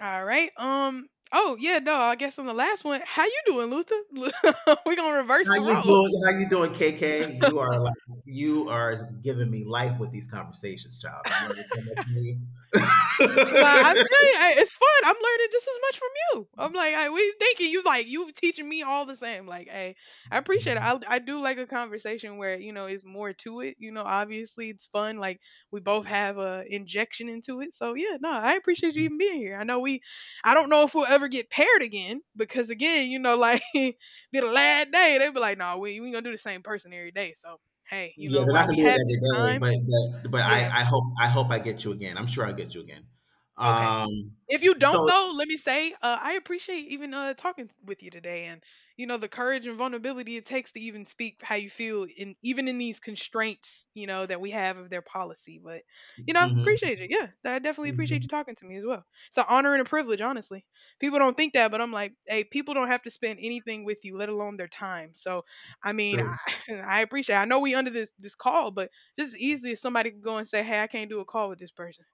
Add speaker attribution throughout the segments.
Speaker 1: All right. Oh yeah. No. I guess on the last one. How you doing, Luther? We're gonna reverse
Speaker 2: How
Speaker 1: the
Speaker 2: you
Speaker 1: roles.
Speaker 2: doing? How you doing, KK? You are giving me life with these conversations, child. I'm learning so much from you.
Speaker 1: And I
Speaker 2: Yeah,
Speaker 1: feel you. It's fun. I'm learning just as much from you. I'm like, I, we thinking you like you teaching me all the same. Like, hey, I appreciate it. I do like a conversation where you know it's more to it. You know, obviously it's fun. Like we both have a injection into it. So yeah, no, I appreciate you even being here. I know we, I don't know if we'll ever get paired again because again, you know, like be the last day they be like, no, we gonna do the same person every day. So hey, you know,
Speaker 2: they're not
Speaker 1: while
Speaker 2: gonna
Speaker 1: we
Speaker 2: do it
Speaker 1: had
Speaker 2: every
Speaker 1: this
Speaker 2: day.
Speaker 1: time,
Speaker 2: But I
Speaker 1: yeah.
Speaker 2: I hope I hope I get you again. I'm sure I'll get you again.
Speaker 1: Okay.
Speaker 2: Um.
Speaker 1: If you don't
Speaker 2: So.
Speaker 1: though, let me say, I appreciate even talking with you today, and you know the courage and vulnerability it takes to even speak how you feel, in even in these constraints, you know that we have of their policy. But you know,
Speaker 2: Hmm.
Speaker 1: appreciate it. Yeah, I definitely appreciate
Speaker 2: Hmm.
Speaker 1: you talking to me as well. It's an honor and a privilege, honestly. People don't think that, but I'm like, hey, people don't have to spend anything with you, let alone their time. So, I mean,
Speaker 2: True.
Speaker 1: I, I appreciate. I know we under this call, but just as easily as somebody could go and say, hey, I can't do a call with this person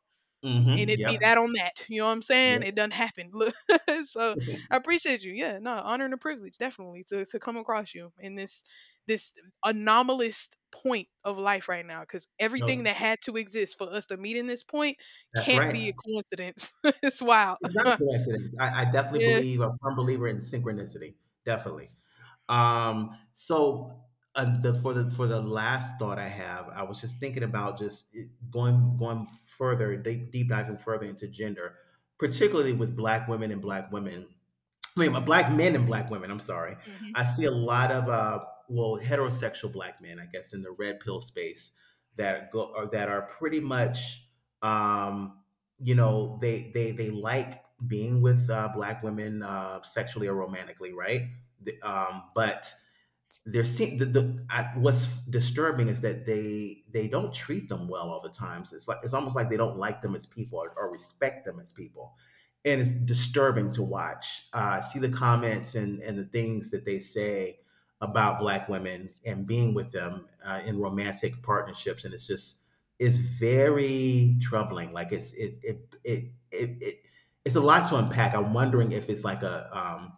Speaker 2: Hmm.
Speaker 1: and it be
Speaker 2: Yep.
Speaker 1: that on that. You know what I'm saying?
Speaker 2: Yep.
Speaker 1: It doesn't happen. Look, so
Speaker 2: Mhm.
Speaker 1: I appreciate you. Yeah, no, honor and a privilege definitely to come across you in this anomalous point of life right now because
Speaker 2: No,
Speaker 1: everything that had to exist for us to meet in this point
Speaker 2: that's
Speaker 1: can't
Speaker 2: right.
Speaker 1: be a coincidence. It's wild.
Speaker 2: It's not coincidence. I definitely
Speaker 1: yeah.
Speaker 2: believe a firm believer in synchronicity. Definitely. Um, so the for the for the last thought I have, I was just thinking about going further, deep diving further into gender, particularly with Black women and Black women I mean, black men and black women. I'm sorry.
Speaker 1: hmm
Speaker 2: I see a lot of well, heterosexual black men, I guess, in the red pill space that go or that are pretty much, um, you know, they like being with black women sexually or romantically, right? But they're seeing what's disturbing is that they don't treat them well all the times. It's like it's almost like they don't like them as people, or respect them as people, and it's disturbing to watch. See the comments and the things that they say about black women and being with them in romantic partnerships, and it's just it's very troubling. Like it's it it it it. It it's a lot to unpack. I'm wondering if it's like a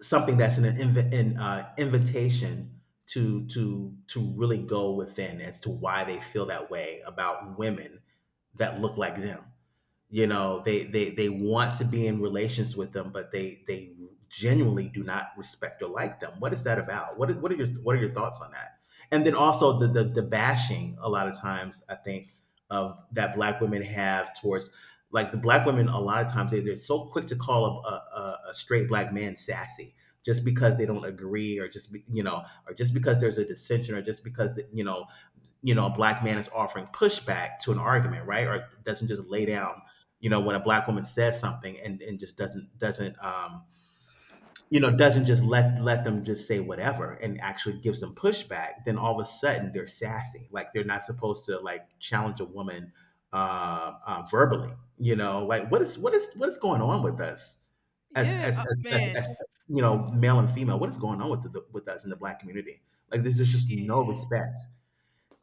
Speaker 2: something that's an invitation to to really go within as to why they feel that way about women that look like them. You know, they want to be in relations with them, but they genuinely do not respect or like them. What is that about? What is, what are your thoughts on that? And then also the bashing a lot of times, I think, of that black women have towards like the black women. A lot of times they're so quick to call a straight black man sassy just because they don't agree, or just be, you know or just because there's a dissension, or just because the, you know, a black man is offering pushback to an argument, right? Or doesn't just lay
Speaker 1: hmm
Speaker 2: down, you know, when a black woman says something, and just doesn't just let them just say whatever and actually gives them pushback, then all of a sudden they're sassy. Like they're not supposed to like challenge a woman verbally. You know, like what is what is going on with us as
Speaker 1: Yeah. Uh, man.
Speaker 2: you know, male and female? What is going on with with us in the black community? Like there's just
Speaker 1: Shit.
Speaker 2: no respect.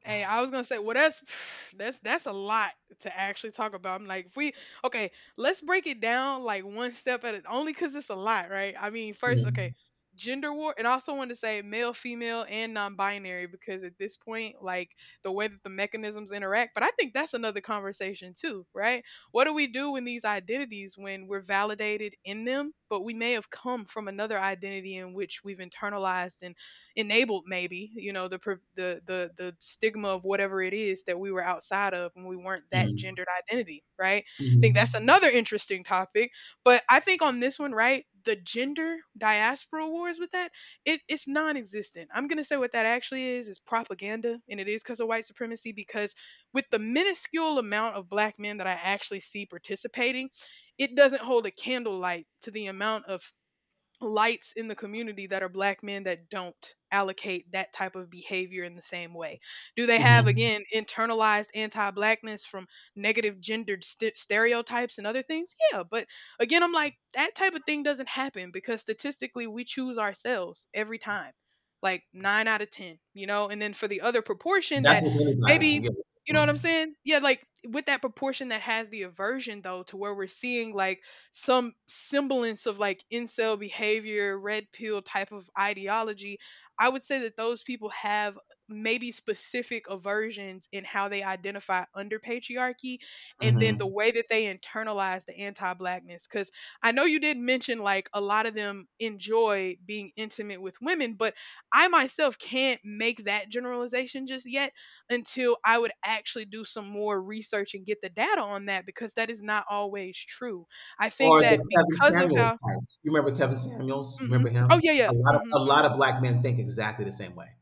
Speaker 1: Hey, I was gonna say, well, that's that's a lot to actually talk about. I'm like, if we okay, let's break it down like one step at it, only because it's a lot, right? I mean, first,
Speaker 2: Mm.
Speaker 1: okay, gender war, and I also want to say male, female, and non-binary because at this point, like the way that the mechanisms interact, but I think that's another conversation too, right? What do we do when these identities, when we're validated in them, but we may have come from another identity in which we've internalized and enabled maybe you know the stigma of whatever it is that we were outside of when we weren't that
Speaker 2: Mm.
Speaker 1: gendered identity, right? I think that's
Speaker 2: Mhm.
Speaker 1: another interesting topic, but I think on this one, right, the gender diaspora wars with that, it's non-existent. I'm going to say what that actually is propaganda and it is because of white supremacy because with the minuscule amount of black men that I actually see participating, it doesn't hold a candlelight to the amount of lights in the community that are black men that don't allocate that type of behavior in the same way. Do they have,
Speaker 2: Mhm.
Speaker 1: again, internalized anti blackness from negative gendered stereotypes and other things? Yeah, but again, I'm like, that type of thing doesn't happen because statistically we choose ourselves every time, like nine out of 10, you know? And then for the other proportion
Speaker 2: That's
Speaker 1: that
Speaker 2: with anybody,
Speaker 1: maybe,
Speaker 2: yeah.
Speaker 1: you know what I'm saying? Yeah, like with that proportion that has the aversion though, to where we're seeing like, some semblance of like incel behavior, red pill type of ideology, I would say that those people have maybe specific aversions in how they identify under patriarchy and then the
Speaker 2: Mhm.
Speaker 1: way that they internalize the anti-blackness, cuz I know you did mention like a lot of them enjoy being intimate with women, but I myself can't make that generalization just yet until I would actually do some more research and get the data on that because that is not always true. I
Speaker 2: Or
Speaker 1: think that
Speaker 2: the Kevin
Speaker 1: because of
Speaker 2: Samuels
Speaker 1: how.
Speaker 2: types. You remember Kevin Samuels?
Speaker 1: Mhm.
Speaker 2: Remember
Speaker 1: Oh,
Speaker 2: him?
Speaker 1: yeah, yeah.
Speaker 2: A lot of
Speaker 1: Mhm.
Speaker 2: a lot of black men think exactly the same way.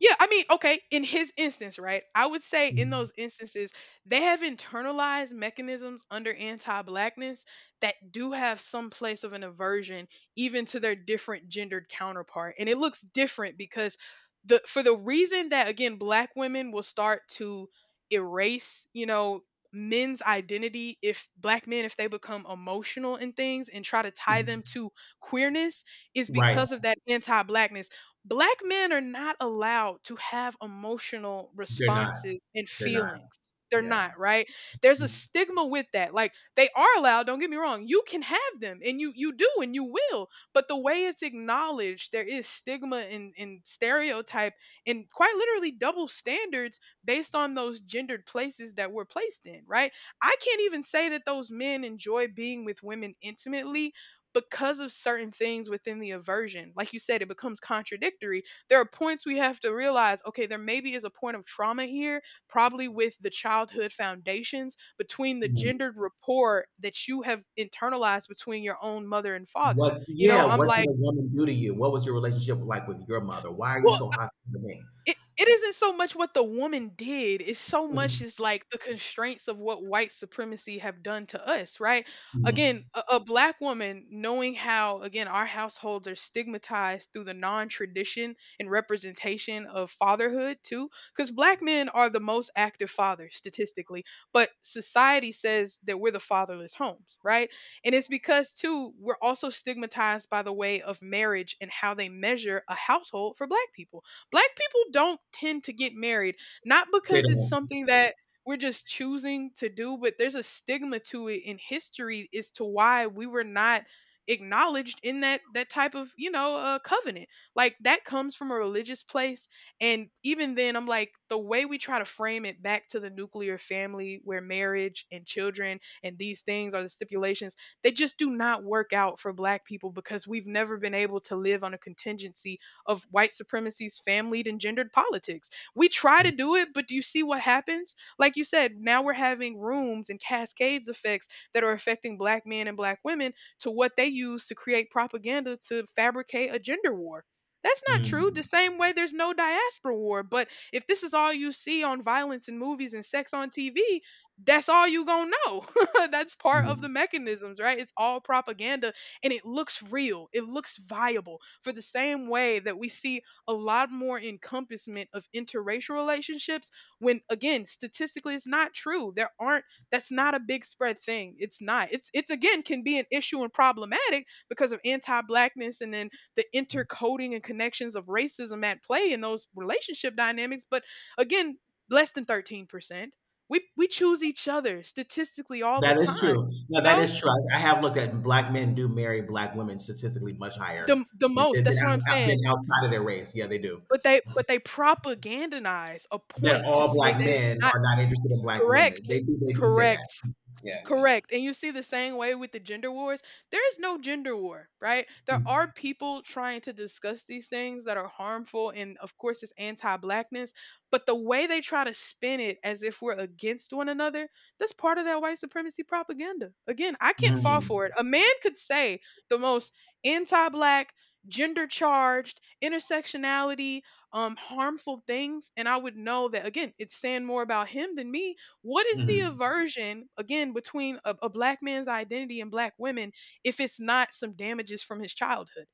Speaker 1: Yeah, I mean, okay, in his instance, right? I would say in
Speaker 2: Mm.
Speaker 1: those instances, they have internalized mechanisms under anti blackness that do have some place of an aversion even to their different gendered counterpart. And it looks different because the for the reason that again black women will start to erase, you know, men's identity if black men if they become emotional in things and try to tie them
Speaker 2: Mm.
Speaker 1: to queerness is
Speaker 2: Right.
Speaker 1: because of that anti-blackness. Black men are not allowed to have emotional
Speaker 2: They're not.
Speaker 1: responses and
Speaker 2: They're not.
Speaker 1: feelings. They're
Speaker 2: Yeah.
Speaker 1: not, right? There's a
Speaker 2: Mm.
Speaker 1: stigma with that. Like they are allowed, don't get me wrong. You can have them and you do and you will. But the way it's acknowledged, there is stigma and stereotype and quite literally double standards based on those gendered places that we're placed in, right? I can't even say that those men enjoy being with women intimately because of certain things within the aversion, like you said, it becomes contradictory. There are points we have to realize okay, there maybe is a point of trauma here, probably with the childhood foundations between the
Speaker 2: Mhm.
Speaker 1: gendered rapport that you have internalized between your own mother and father.
Speaker 2: What,
Speaker 1: You
Speaker 2: yeah,
Speaker 1: know, I'm
Speaker 2: what did
Speaker 1: like,
Speaker 2: a woman do to you? What was your relationship like with your mother? Why are you
Speaker 1: well,
Speaker 2: so hostile to me?
Speaker 1: it isn't so much what the woman did, it's so much
Speaker 2: Mhm.
Speaker 1: is like the constraints of what white supremacy have done to us, right? Again,
Speaker 2: Mhm.
Speaker 1: a black woman knowing how again our households are stigmatized through the non-tradition and representation of fatherhood too, cuz black men are the most active fathers statistically, but society says that we're the fatherless homes, right? And it's because too we're also stigmatized by the way of marriage and how they measure a household for black people. Black people don't tend to get married, not
Speaker 2: They
Speaker 1: because it's
Speaker 2: don't.
Speaker 1: something that we're just choosing to do, but there's a stigma to it in history as to why we were not acknowledged in that type of you know covenant, like that comes from a religious place. And even then I'm like the way we try to frame it back to the nuclear family where marriage and children and these things are the stipulations, they just do not work out for black people because we've never been able to live on a contingency of white supremacy's familied and gendered politics. We try to
Speaker 2: Mm.
Speaker 1: do it, but do you see what happens? Like you said, now we're having rooms and cascades effects that are affecting black men and black women to what they use to create propaganda to fabricate a gender war. That's not true. The
Speaker 2: Mm.
Speaker 1: same way there's no diaspora war, but if this is all you see on violence in movies and sex on TV, that's all you gonna know. That's part of
Speaker 2: Mhm.
Speaker 1: the mechanisms, right? It's all propaganda and it looks real. It looks viable for the same way that we see a lot more encompassment of interracial relationships when again, statistically it's not true. There aren't, that's not a big spread thing. It's not. It's again can be an issue and problematic because of anti-blackness and then the intercoding and connections of racism at play in those relationship dynamics, but again, less than 13%. We choose each other statistically all the
Speaker 2: That is true.
Speaker 1: time,
Speaker 2: No,
Speaker 1: you
Speaker 2: that
Speaker 1: know?
Speaker 2: is true. I have looked at black men do marry black women statistically much higher
Speaker 1: The
Speaker 2: than,
Speaker 1: most, that's what I'm saying.
Speaker 2: outside of their race. Yeah, they do.
Speaker 1: But they propagandize a
Speaker 2: That
Speaker 1: point to
Speaker 2: all
Speaker 1: say that
Speaker 2: black
Speaker 1: it's
Speaker 2: men
Speaker 1: not
Speaker 2: are not interested in black women. They
Speaker 1: correct,
Speaker 2: do. They do say that.
Speaker 1: correct.
Speaker 2: Yeah.
Speaker 1: Correct. And you see the same way with the gender wars. There is no gender war, right? There are people trying to discuss these things that are harmful and of course it's anti-blackness, but the way they try to spin it as if we're against one another, that's part of that white supremacy propaganda. Again, I can't fall
Speaker 2: Mm-hmm.
Speaker 1: for it. A man could say the most anti-black gender charged intersectionality harmful things and I would know that again it's saying more about him than me. What is the
Speaker 2: Hmm.
Speaker 1: aversion again between a black man's identity and black women if it's not some damages from his childhood?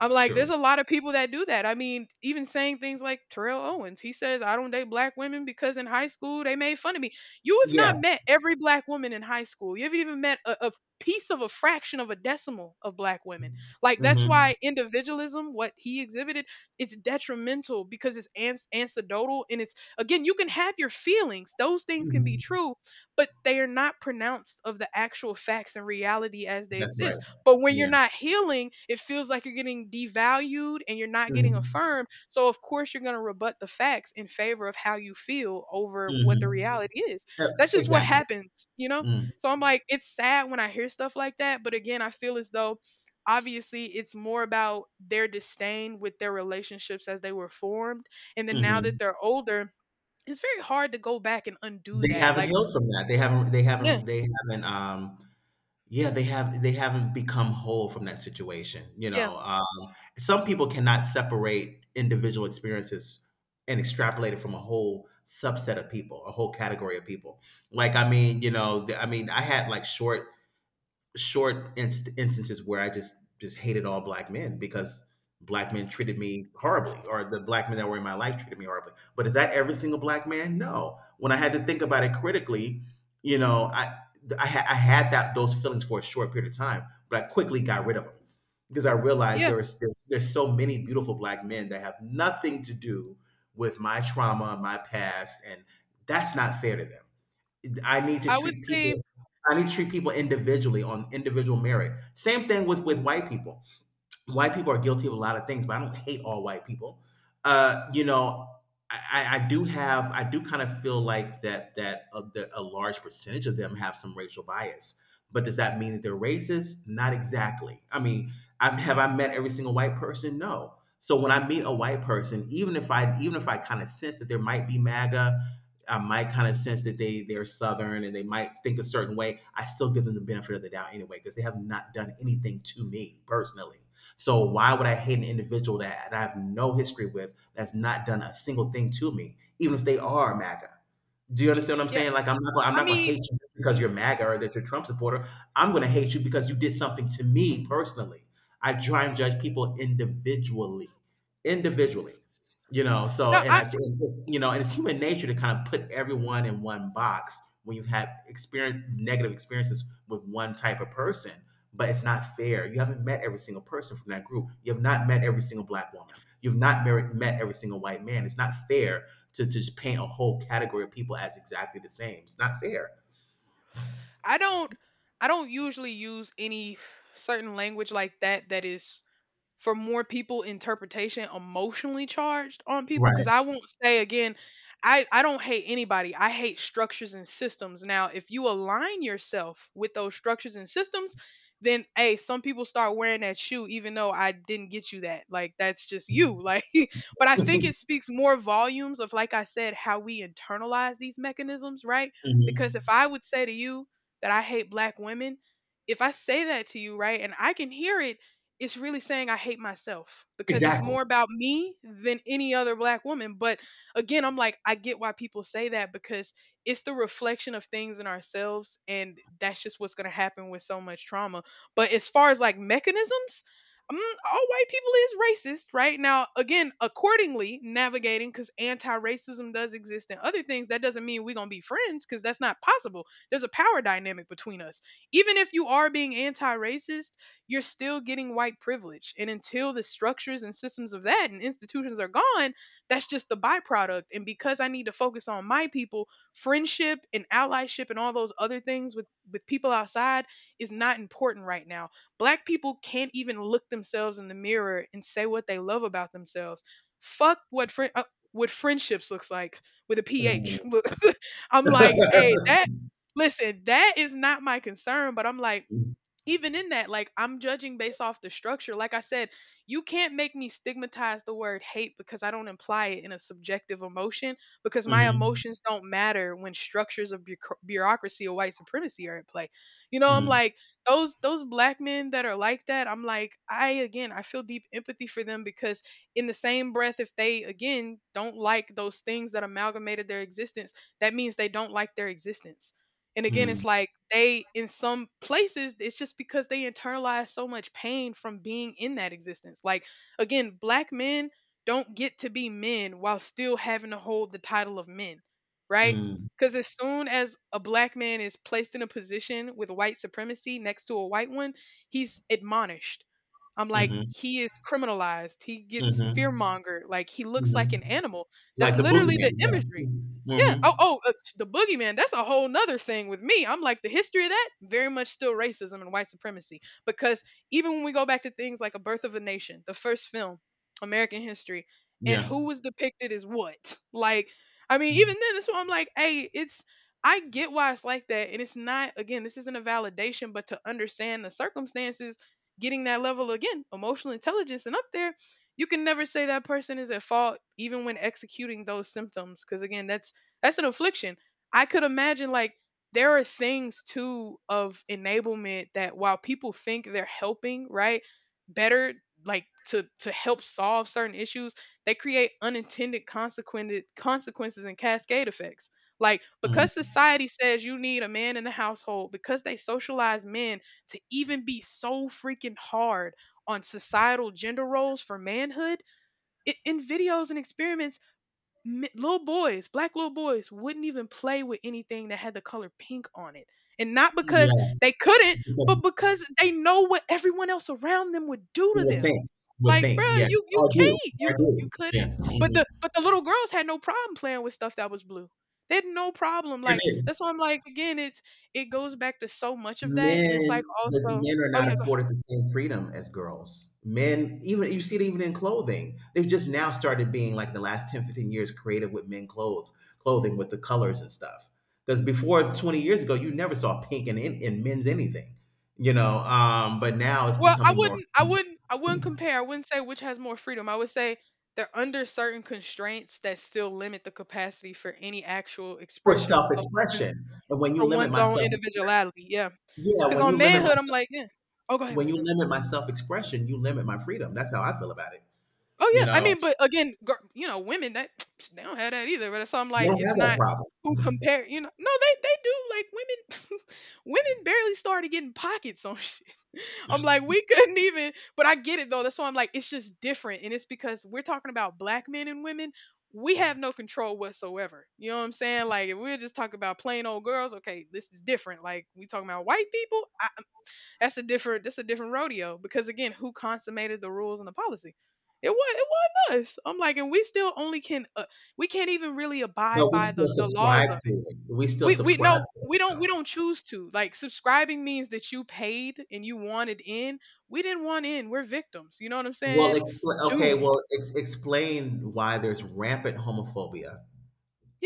Speaker 1: I'm like, there's
Speaker 2: True.
Speaker 1: a lot of people that do that. I mean, even saying things like Terrell Owens, he says, I don't date black women because in high school they made fun of me. You have
Speaker 2: Yeah.
Speaker 1: not met every black woman in high school. You haven't even met a piece of a fraction of a decimal of black women. Like, that's
Speaker 2: Hmm.
Speaker 1: why individualism, what he exhibited, it's detrimental because it's anecdotal. And it's, again, you can have your feelings, those things can be
Speaker 2: Hmm.
Speaker 1: true, but they are not pronounced of the actual facts and reality as they
Speaker 2: That's right.
Speaker 1: exist, but when you're
Speaker 2: Yeah.
Speaker 1: not healing, it feels like you're getting devalued and you're not getting
Speaker 2: Hmm.
Speaker 1: affirmed. So, of course, you're going to rebut the facts in favor of how you feel over what the
Speaker 2: Hmm.
Speaker 1: reality is. That's just what
Speaker 2: Exactly.
Speaker 1: happens,
Speaker 2: Mm-hmm.
Speaker 1: So, I'm like, it's sad when I hear stuff like that. But again, I feel as though obviously it's more about their disdain with their relationships as they were formed. And then now
Speaker 2: Mm-hmm.
Speaker 1: that they're older, it's very hard to go back and undo
Speaker 2: They
Speaker 1: that.
Speaker 2: haven't
Speaker 1: Like,
Speaker 2: healed from that. They haven't. They
Speaker 1: yeah,
Speaker 2: haven't. They haven't. Yeah, they haven't become whole from that situation, you
Speaker 1: yeah,
Speaker 2: know. Some people cannot separate individual experiences and extrapolate it from a whole subset of people, a whole category of people. Like, I mean, you know, I had like instances where I just hated all black men because black men treated me horribly, or the black men that were in my life treated me horribly. But is that every single black man? No. When I had to think about it critically, you know, I had that those feelings for a short period of time, but I quickly got rid of them because I realized
Speaker 1: yeah.
Speaker 2: there's so many beautiful black men that have nothing to do with my trauma, my past, and that's not fair to them. I need to
Speaker 1: I would
Speaker 2: treat
Speaker 1: say,
Speaker 2: people I need to treat people individually, on individual merit. Same thing with white people. White people are guilty of a lot of things, but I don't hate all white people. You know, I do have, I do kind of feel like that that a large percentage of them have some racial bias. But does that mean that they're racist? Not exactly. I mean, have I met every single white person? No. So when I meet a white person, even if I, kind of sense that there might be MAGA, I might kind of sense that they're Southern and they might think a certain way, I still give them the benefit of the doubt anyway because they have not done anything to me personally. So why would I hate an individual that I have no history with, that's not done a single thing to me, even if they are MAGA? Do you understand what I'm
Speaker 1: yeah,
Speaker 2: saying? Like I'm
Speaker 1: I
Speaker 2: not gonna
Speaker 1: mean,
Speaker 2: hate you because you're MAGA or that you're a Trump supporter. I'm gonna hate you because you did something to me personally. I try and judge people individually, you know.
Speaker 1: no, I,
Speaker 2: You know, and it's human nature to kind of put everyone in one box when you've had experience negative experiences with one type of person. But it's not fair. You haven't met every single person from that group. You have not met every single black woman. You've not mer- met every single white man. It's not fair to just paint a whole category of people as exactly the same. It's not fair.
Speaker 1: I don't I don't usually use any certain language like that that is for more people interpretation emotionally charged on people because
Speaker 2: Right.
Speaker 1: I won't say again I don't hate anybody. I hate structures and systems. Now, if you align yourself with those structures and systems, then hey, some people start wearing that shoe even though I didn't get you that. Like, that's just you. Like, but I think it speaks more volumes of, like I said, how we internalize these mechanisms, right? Because if
Speaker 2: Mhm.
Speaker 1: I would say to you that I hate black women, if I say that to you, right, and I can hear it, it's really saying I hate myself, because it's
Speaker 2: Exactly.
Speaker 1: more about me than any other black woman. But again, I'm like, I get why people say that because it's the reflection of things in ourselves. And that's just what's going to happen with so much trauma. But as far as like mechanisms, all white people is racist, right? Now, again, accordingly, navigating because anti racism does exist and other things, that doesn't mean we're going to be friends because that's not possible. There's a power dynamic between us even if you are being anti-racist, you're still getting white privilege. And until the structures and systems of that and institutions are gone, that's just the byproduct. And because I need to focus on my people, friendship and allyship and all those other things with people outside is not important right now. Black people can't even look themselves in the mirror and say what they love about themselves. Fuck what friend. What friendships looks like with a
Speaker 2: Mhm.
Speaker 1: ph. I'm like, hey, that listen, that is not my concern, but I'm like, even in that, like I'm judging based off the structure. Like I said, you can't make me stigmatize the word hate because I don't imply it in a subjective emotion because my
Speaker 2: Mhm.
Speaker 1: emotions don't matter when structures of bureaucracy or white supremacy are at play. You know, I'm
Speaker 2: Mhm.
Speaker 1: like those black men that are like that. I'm like, I again, I feel deep empathy for them because in the same breath, if they again don't like those things that amalgamated their existence, that means they don't like their existence. And again,
Speaker 2: Mhm.
Speaker 1: it's like they, in some places, it's just because they internalize so much pain from being in that existence. Like, again, black men don't get to be men while still having to hold the title of men, right?
Speaker 2: Mhm.
Speaker 1: Because as soon as a black man is placed in a position with white supremacy next to a white one, he's admonished. I'm like,
Speaker 2: Mhm.
Speaker 1: he is criminalized. He gets
Speaker 2: Mhm.
Speaker 1: fearmongered. Like he looks like
Speaker 2: Mhm.
Speaker 1: an animal.
Speaker 2: Like
Speaker 1: That's
Speaker 2: the
Speaker 1: literally the
Speaker 2: boogeyman.
Speaker 1: imagery.
Speaker 2: Yeah.
Speaker 1: Yeah.
Speaker 2: Hmm.
Speaker 1: Oh, the boogeyman. That's a whole nother thing with me. I'm like the history of that very much still racism and white supremacy. Because even when we go back to things like A Birth of a Nation, the first film, American history, and
Speaker 2: Yeah.
Speaker 1: who was depicted as what. Like, I mean, even then, that's why I'm like, hey, it's. I get why it's like that, and it's not. Again, this isn't a validation, but to understand the circumstances getting that level again, emotional intelligence, and up there, you can never say that person is at fault, even when executing those symptoms. Because again, that's an affliction. I could imagine like there are things too of enablement that while people think they're helping, right, better like to help solve certain issues, they create unintended consequences and cascade effects. Like because
Speaker 2: Mhm.
Speaker 1: society says you need a man in the household, because they socialize men to even be so freaking hard on societal gender roles for manhood in videos and experiments little boys, black little boys wouldn't even play with anything that had the color pink on it, and not because
Speaker 2: Yeah.
Speaker 1: they couldn't,
Speaker 2: Because
Speaker 1: but because they know what everyone else around them would do
Speaker 2: you
Speaker 1: to
Speaker 2: would
Speaker 1: them.
Speaker 2: think, would
Speaker 1: Like,
Speaker 2: think.
Speaker 1: bruh,
Speaker 2: Yeah.
Speaker 1: you
Speaker 2: Oh, I do.
Speaker 1: can't, you
Speaker 2: I
Speaker 1: you
Speaker 2: do.
Speaker 1: couldn't.
Speaker 2: Yeah. Mhm.
Speaker 1: But the little girls had no problem playing with stuff that was blue. They had no problem.
Speaker 2: Sure
Speaker 1: Like
Speaker 2: did.
Speaker 1: that's why I'm like again, it's it goes back to so much of that, and it's like
Speaker 2: Men, the
Speaker 1: also,
Speaker 2: men are
Speaker 1: oh
Speaker 2: not
Speaker 1: yeah. Go ahead.
Speaker 2: afforded the same freedom as girls. Men, even you see it even in clothing. They've just now started being, like, the last 10, 15 years creative with men clothes, clothing, with the colors and stuff, because before 20 years ago you never saw pink in, in men's anything, you know. But now it's
Speaker 1: Well,
Speaker 2: becoming more
Speaker 1: I wouldn't compare. I wouldn't say which has more freedom. I would say they're under certain constraints that still limit the capacity for any actual
Speaker 2: for
Speaker 1: expression of one
Speaker 2: self-expression. And when you
Speaker 1: for
Speaker 2: limit
Speaker 1: one's
Speaker 2: my
Speaker 1: own
Speaker 2: self expression,
Speaker 1: individuality. Yeah,
Speaker 2: yeah,
Speaker 1: because
Speaker 2: when you
Speaker 1: on
Speaker 2: limit
Speaker 1: manhood, I'm
Speaker 2: myself,
Speaker 1: like, yeah. Oh, go ahead, go
Speaker 2: when
Speaker 1: ahead.
Speaker 2: you
Speaker 1: No.
Speaker 2: limit my self-expression, you limit my freedom. That's how I feel about it.
Speaker 1: Oh
Speaker 2: You
Speaker 1: yeah, I
Speaker 2: know,
Speaker 1: mean, but again, you know, women that they don't have that either. But so I'm
Speaker 2: they
Speaker 1: like,
Speaker 2: don't
Speaker 1: it's
Speaker 2: have that
Speaker 1: not
Speaker 2: problem.
Speaker 1: who compare. You know, no, they do like women. Women barely started getting pockets on shit. I'm like, we couldn't even. But I get it though. That's why I'm like, it's just different, and it's because we're talking about black men and women. We have no control whatsoever. You know what I'm saying? Like, if we're just talking about plain old girls, okay, this is different. Like, we talking about white people. That's a different rodeo because again, who consummated the rules and the policy? It wasn't us. I'm like, and we still only can we can't even really abide
Speaker 2: But we
Speaker 1: by
Speaker 2: still
Speaker 1: the
Speaker 2: subscribe
Speaker 1: laws of it.
Speaker 2: to it. We still
Speaker 1: We
Speaker 2: subscribe to it,
Speaker 1: we don't
Speaker 2: though.
Speaker 1: choose to. Like, subscribing means that you paid and you wanted in. We didn't want in. We're victims. You know what I'm saying?
Speaker 2: Okay.
Speaker 1: Doomed.
Speaker 2: Well, explain why there's rampant homophobia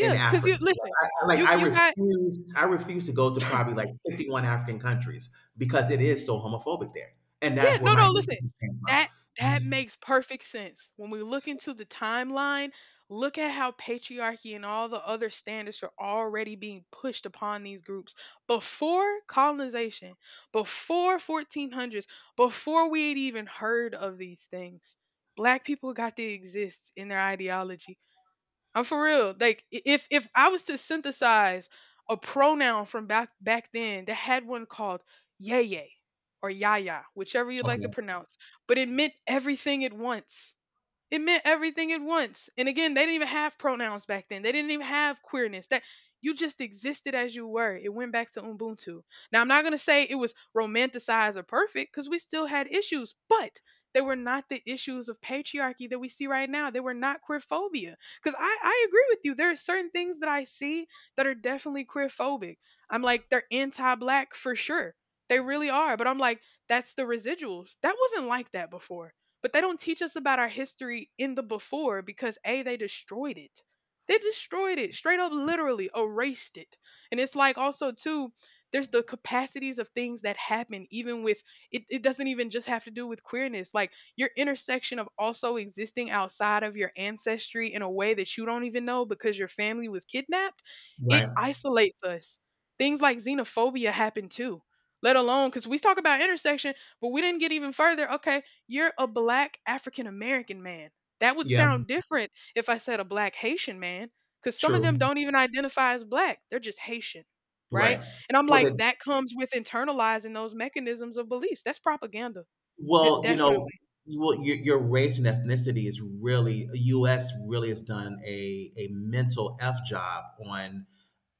Speaker 2: in
Speaker 1: because
Speaker 2: Africa.
Speaker 1: you
Speaker 2: Like
Speaker 1: listen.
Speaker 2: like,
Speaker 1: You you got
Speaker 2: I refuse to go to probably like 51 African countries because it is so homophobic there, and
Speaker 1: Yeah,
Speaker 2: that's where
Speaker 1: no,
Speaker 2: my
Speaker 1: no, listen.
Speaker 2: insight came
Speaker 1: That that
Speaker 2: from.
Speaker 1: makes perfect sense. When we look into the timeline, look at how patriarchy and all the other standards are already being pushed upon these groups before colonization, before 1400s, before we had even heard of these things. Black people got to exist in their ideology. I'm for real. Like if I was to synthesize a pronoun from back then, they had one called yay or yaya, whichever you'd like to
Speaker 2: Okay.
Speaker 1: pronounce, but it meant everything at once. It meant everything at once. And again, they didn't even have pronouns back then. They didn't even have queerness. That you just existed as you were. It went back to Ubuntu. Now, I'm not going to say it was romanticized or perfect because we still had issues, but they were not the issues of patriarchy that we see right now. They were not queerphobia. Because I agree with you. There are certain things that I see that are definitely queerphobic. I'm like, they're anti black for sure. They really are. But I'm like, that's the residuals. That wasn't like that before, but they don't teach us about our history in the before because a they destroyed it. Straight up literally erased it. And it's like also too, there's the capacities of things that happen even with it doesn't even just have to do with queerness. Like your intersection of also existing outside of your ancestry in a way that you don't even know because your family was kidnapped, it
Speaker 2: Right.
Speaker 1: isolates us. Things like xenophobia happen too, let alone because we talk about intersection, but we didn't get even further. Okay, you're a black African American man. That would
Speaker 2: Yeah.
Speaker 1: sound different if I said a black Haitian man, because some of them
Speaker 2: True.
Speaker 1: don't even identify as black. They're just Haitian, right?
Speaker 2: Right.
Speaker 1: And I'm
Speaker 2: Well,
Speaker 1: like,
Speaker 2: the
Speaker 1: that comes with internalizing those mechanisms of beliefs. That's propaganda,
Speaker 2: Well, you
Speaker 1: definitely.
Speaker 2: know, your race and ethnicity, is really U.S. really has done a mental f job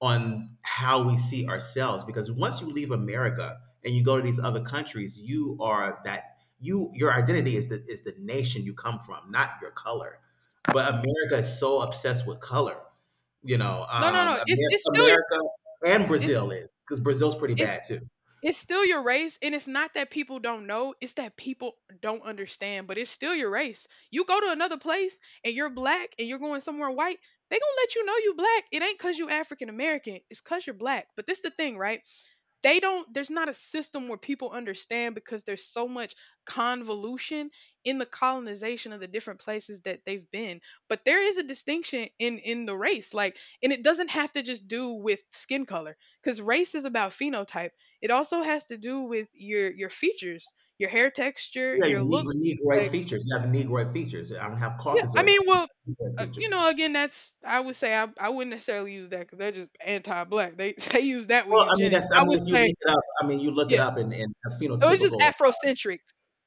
Speaker 2: on how we see ourselves, because once you leave America and you go to these other countries, you are that, you, your identity is the nation you come from, not your color. But America is so obsessed with color, you know.
Speaker 1: No, no, no.
Speaker 2: America and
Speaker 1: It's
Speaker 2: Brazil, is because Brazil's pretty
Speaker 1: it's
Speaker 2: bad too.
Speaker 1: It's still your race, and it's not that people don't know, it's that people don't understand, but it's still your race. You go to another place and you're black and you're going somewhere white, they gonna let you know you black. It ain't cause you African American, it's cause you're black. But this the thing, right? They don't there's not a system where people understand because there's so much convolution in the colonization of the different places that they've been, but there is a distinction in the race, like, and it doesn't have to just do with skin color because race is about phenotype. It also has to do with your features, your hair texture,
Speaker 2: Yeah,
Speaker 1: your look.
Speaker 2: negro negroid
Speaker 1: Like,
Speaker 2: features. You have negroid features. I don't have
Speaker 1: yeah, I
Speaker 2: caucasoid
Speaker 1: mean,
Speaker 2: features, I
Speaker 1: well,
Speaker 2: have negroid
Speaker 1: you
Speaker 2: features.
Speaker 1: know, again, that's I would say I wouldn't necessarily use that because they're just anti-black. They they use that with
Speaker 2: Well, I mean,
Speaker 1: eugenics.
Speaker 2: that's, I
Speaker 1: I would
Speaker 2: mean, if you
Speaker 1: say.
Speaker 2: look it up, I mean, you look it up, and a
Speaker 1: It was just
Speaker 2: phenotypical
Speaker 1: Afrocentric.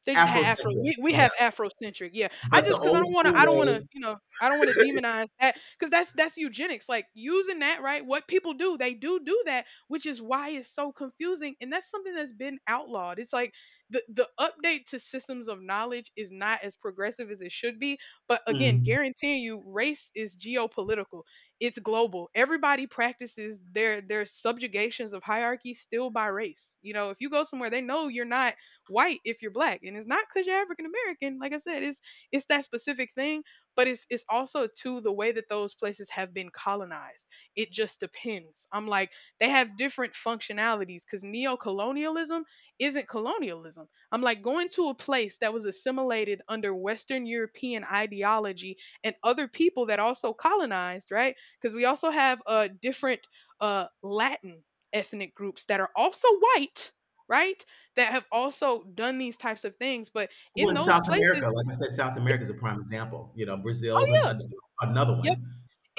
Speaker 1: They just had Afro.
Speaker 2: Afrocentric,
Speaker 1: We
Speaker 2: yeah.
Speaker 1: have Afrocentric. Yeah. I
Speaker 2: But the
Speaker 1: just cuz I
Speaker 2: old
Speaker 1: don't want to
Speaker 2: school
Speaker 1: I don't want to,
Speaker 2: way,
Speaker 1: you know, I don't want to demonize that cuz that's eugenics. Like using that, right? What people do, they do do that, which is why it's so confusing, and that's something that's been outlawed. It's like the update to systems of knowledge is not as progressive as it should be, but again,
Speaker 2: mm,
Speaker 1: guaranteeing you, race is geopolitical, it's global. Everybody practices their subjugations of hierarchy still by race. You know, if you go somewhere, they know you're not white if you're black, and it's not because you're African American. Like I said, it's that specific thing, but it's also to the way that those places have been colonized. It just depends. I'm like they have different functionalities because neo-colonialism isn't colonialism. I'm like going to a place that was assimilated under Western European ideology and other people that also colonized, right? Because we also have different Latin ethnic groups that are also white, right? That have also done these types of things. But in
Speaker 2: well, in
Speaker 1: those
Speaker 2: South
Speaker 1: places,
Speaker 2: America, like I said, South America is a prime example. You know,
Speaker 1: oh
Speaker 2: Brazil's
Speaker 1: yeah,
Speaker 2: an another
Speaker 1: yep,
Speaker 2: one.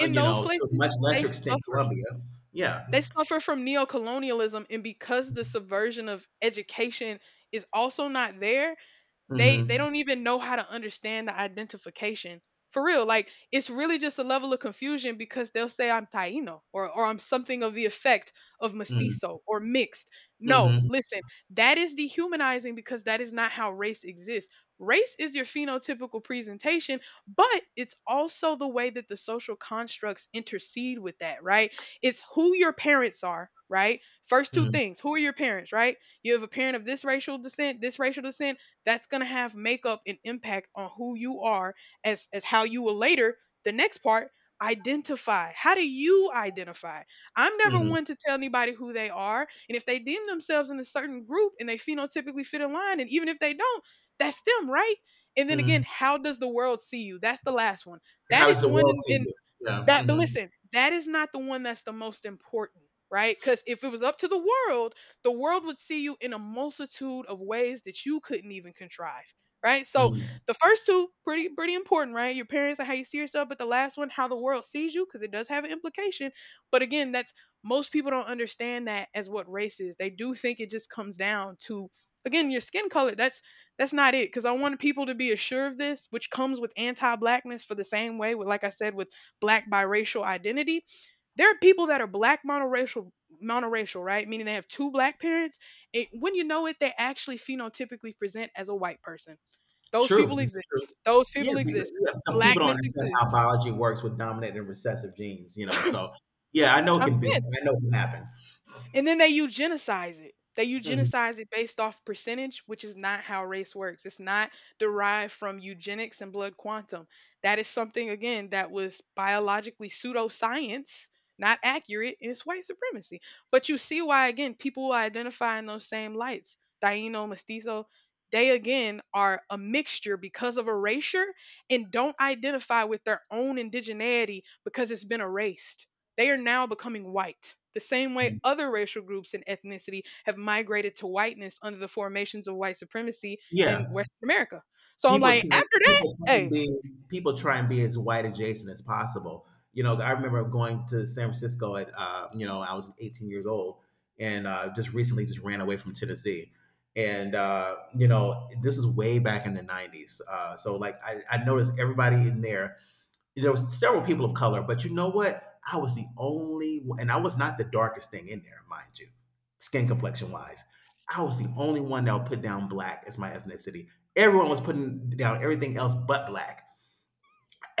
Speaker 2: You
Speaker 1: those
Speaker 2: know, to a
Speaker 1: places,
Speaker 2: much
Speaker 1: they
Speaker 2: lesser extent,
Speaker 1: suffer.
Speaker 2: Colombia. Yeah.
Speaker 1: They suffer from neocolonialism, and because the subversion of education is also not there, they
Speaker 2: Hmm.
Speaker 1: don't even know how to understand the identification. For real, like it's really just a level of confusion because they'll say I'm Taino or I'm something of the effect of
Speaker 2: Hmm.
Speaker 1: mestizo or mixed. No,
Speaker 2: Hmm.
Speaker 1: listen, that is dehumanizing because that is not how race exists. Race is your phenotypical presentation, but it's also the way that the social constructs intercede with that, right? It's who your parents are, right? First two
Speaker 2: Hmm.
Speaker 1: things, who are your parents, right? You have a parent of this racial descent, that's going to have makeup and impact on who you are as how you will later, the next part, identify. How do you identify? I'm never
Speaker 2: Hmm.
Speaker 1: one to tell anybody who they are. And if they deem themselves in a certain group and they phenotypically fit in line, and even if they don't, that's them, right? And then
Speaker 2: Hmm.
Speaker 1: again, how does the world see you? That's the last one.
Speaker 2: How
Speaker 1: That
Speaker 2: does
Speaker 1: is
Speaker 2: the
Speaker 1: one
Speaker 2: world see
Speaker 1: in
Speaker 2: you? Yeah.
Speaker 1: that, but
Speaker 2: Mhm.
Speaker 1: listen, that is not the one that's the most important, right? Because if it was up to world, the world would see you in a multitude of ways that you couldn't even contrive. Right. So
Speaker 2: Mm.
Speaker 1: the first two, pretty important, right? Your parents and how you see yourself, but the last one, how the world sees you, because it does have an implication. But again, that's most people don't understand that as what race is. They do think it just comes down to, again, your skin color. That's not it, because I want people to be assured of this, which comes with anti-blackness, for the same way with, like I said, with black biracial identity. There are people that are black monoracial, right? Meaning they have two black parents. It, when you know it, they actually phenotypically present as a white person. Those
Speaker 2: True.
Speaker 1: people
Speaker 2: This
Speaker 1: exist.
Speaker 2: is true.
Speaker 1: Those
Speaker 2: Yeah,
Speaker 1: people exist.
Speaker 2: because, yeah, some people don't
Speaker 1: Blackness
Speaker 2: understand how
Speaker 1: exists.
Speaker 2: biology works with dominant and recessive genes. You know, so yeah, I know it
Speaker 1: I'm
Speaker 2: can be. I know it can happen.
Speaker 1: and then they eugenicize it. They
Speaker 2: Mhm.
Speaker 1: eugenicize it based off percentage, which is not how race works. It's not derived from eugenics and blood quantum. That is something, again, that was biologically pseudoscience, not accurate, and it's white supremacy. But you see why, again, people who identify in those same lights, Taino, Mestizo, they again are a mixture because of erasure and don't identify with their own indigeneity because it's been erased. They are now becoming white, the same way
Speaker 2: Mhm.
Speaker 1: other racial groups and ethnicity have migrated to whiteness under the formations of white supremacy in
Speaker 2: Yeah.
Speaker 1: Western America. So I'm
Speaker 2: people
Speaker 1: like,
Speaker 2: try
Speaker 1: after that,
Speaker 2: people try and
Speaker 1: hey,
Speaker 2: be people try and be as white adjacent as possible. You know, I remember going to San Francisco at, you know, I was 18 years old, and just recently just ran away from Tennessee. And you know, this is way back in the 90s. So like I noticed everybody in there there was several people of color, but you know what? I was the only, one- and I was not the darkest thing in there, mind you, skin complexion wise. I was the only one that would put down black as my ethnicity. Everyone was putting down everything else but black.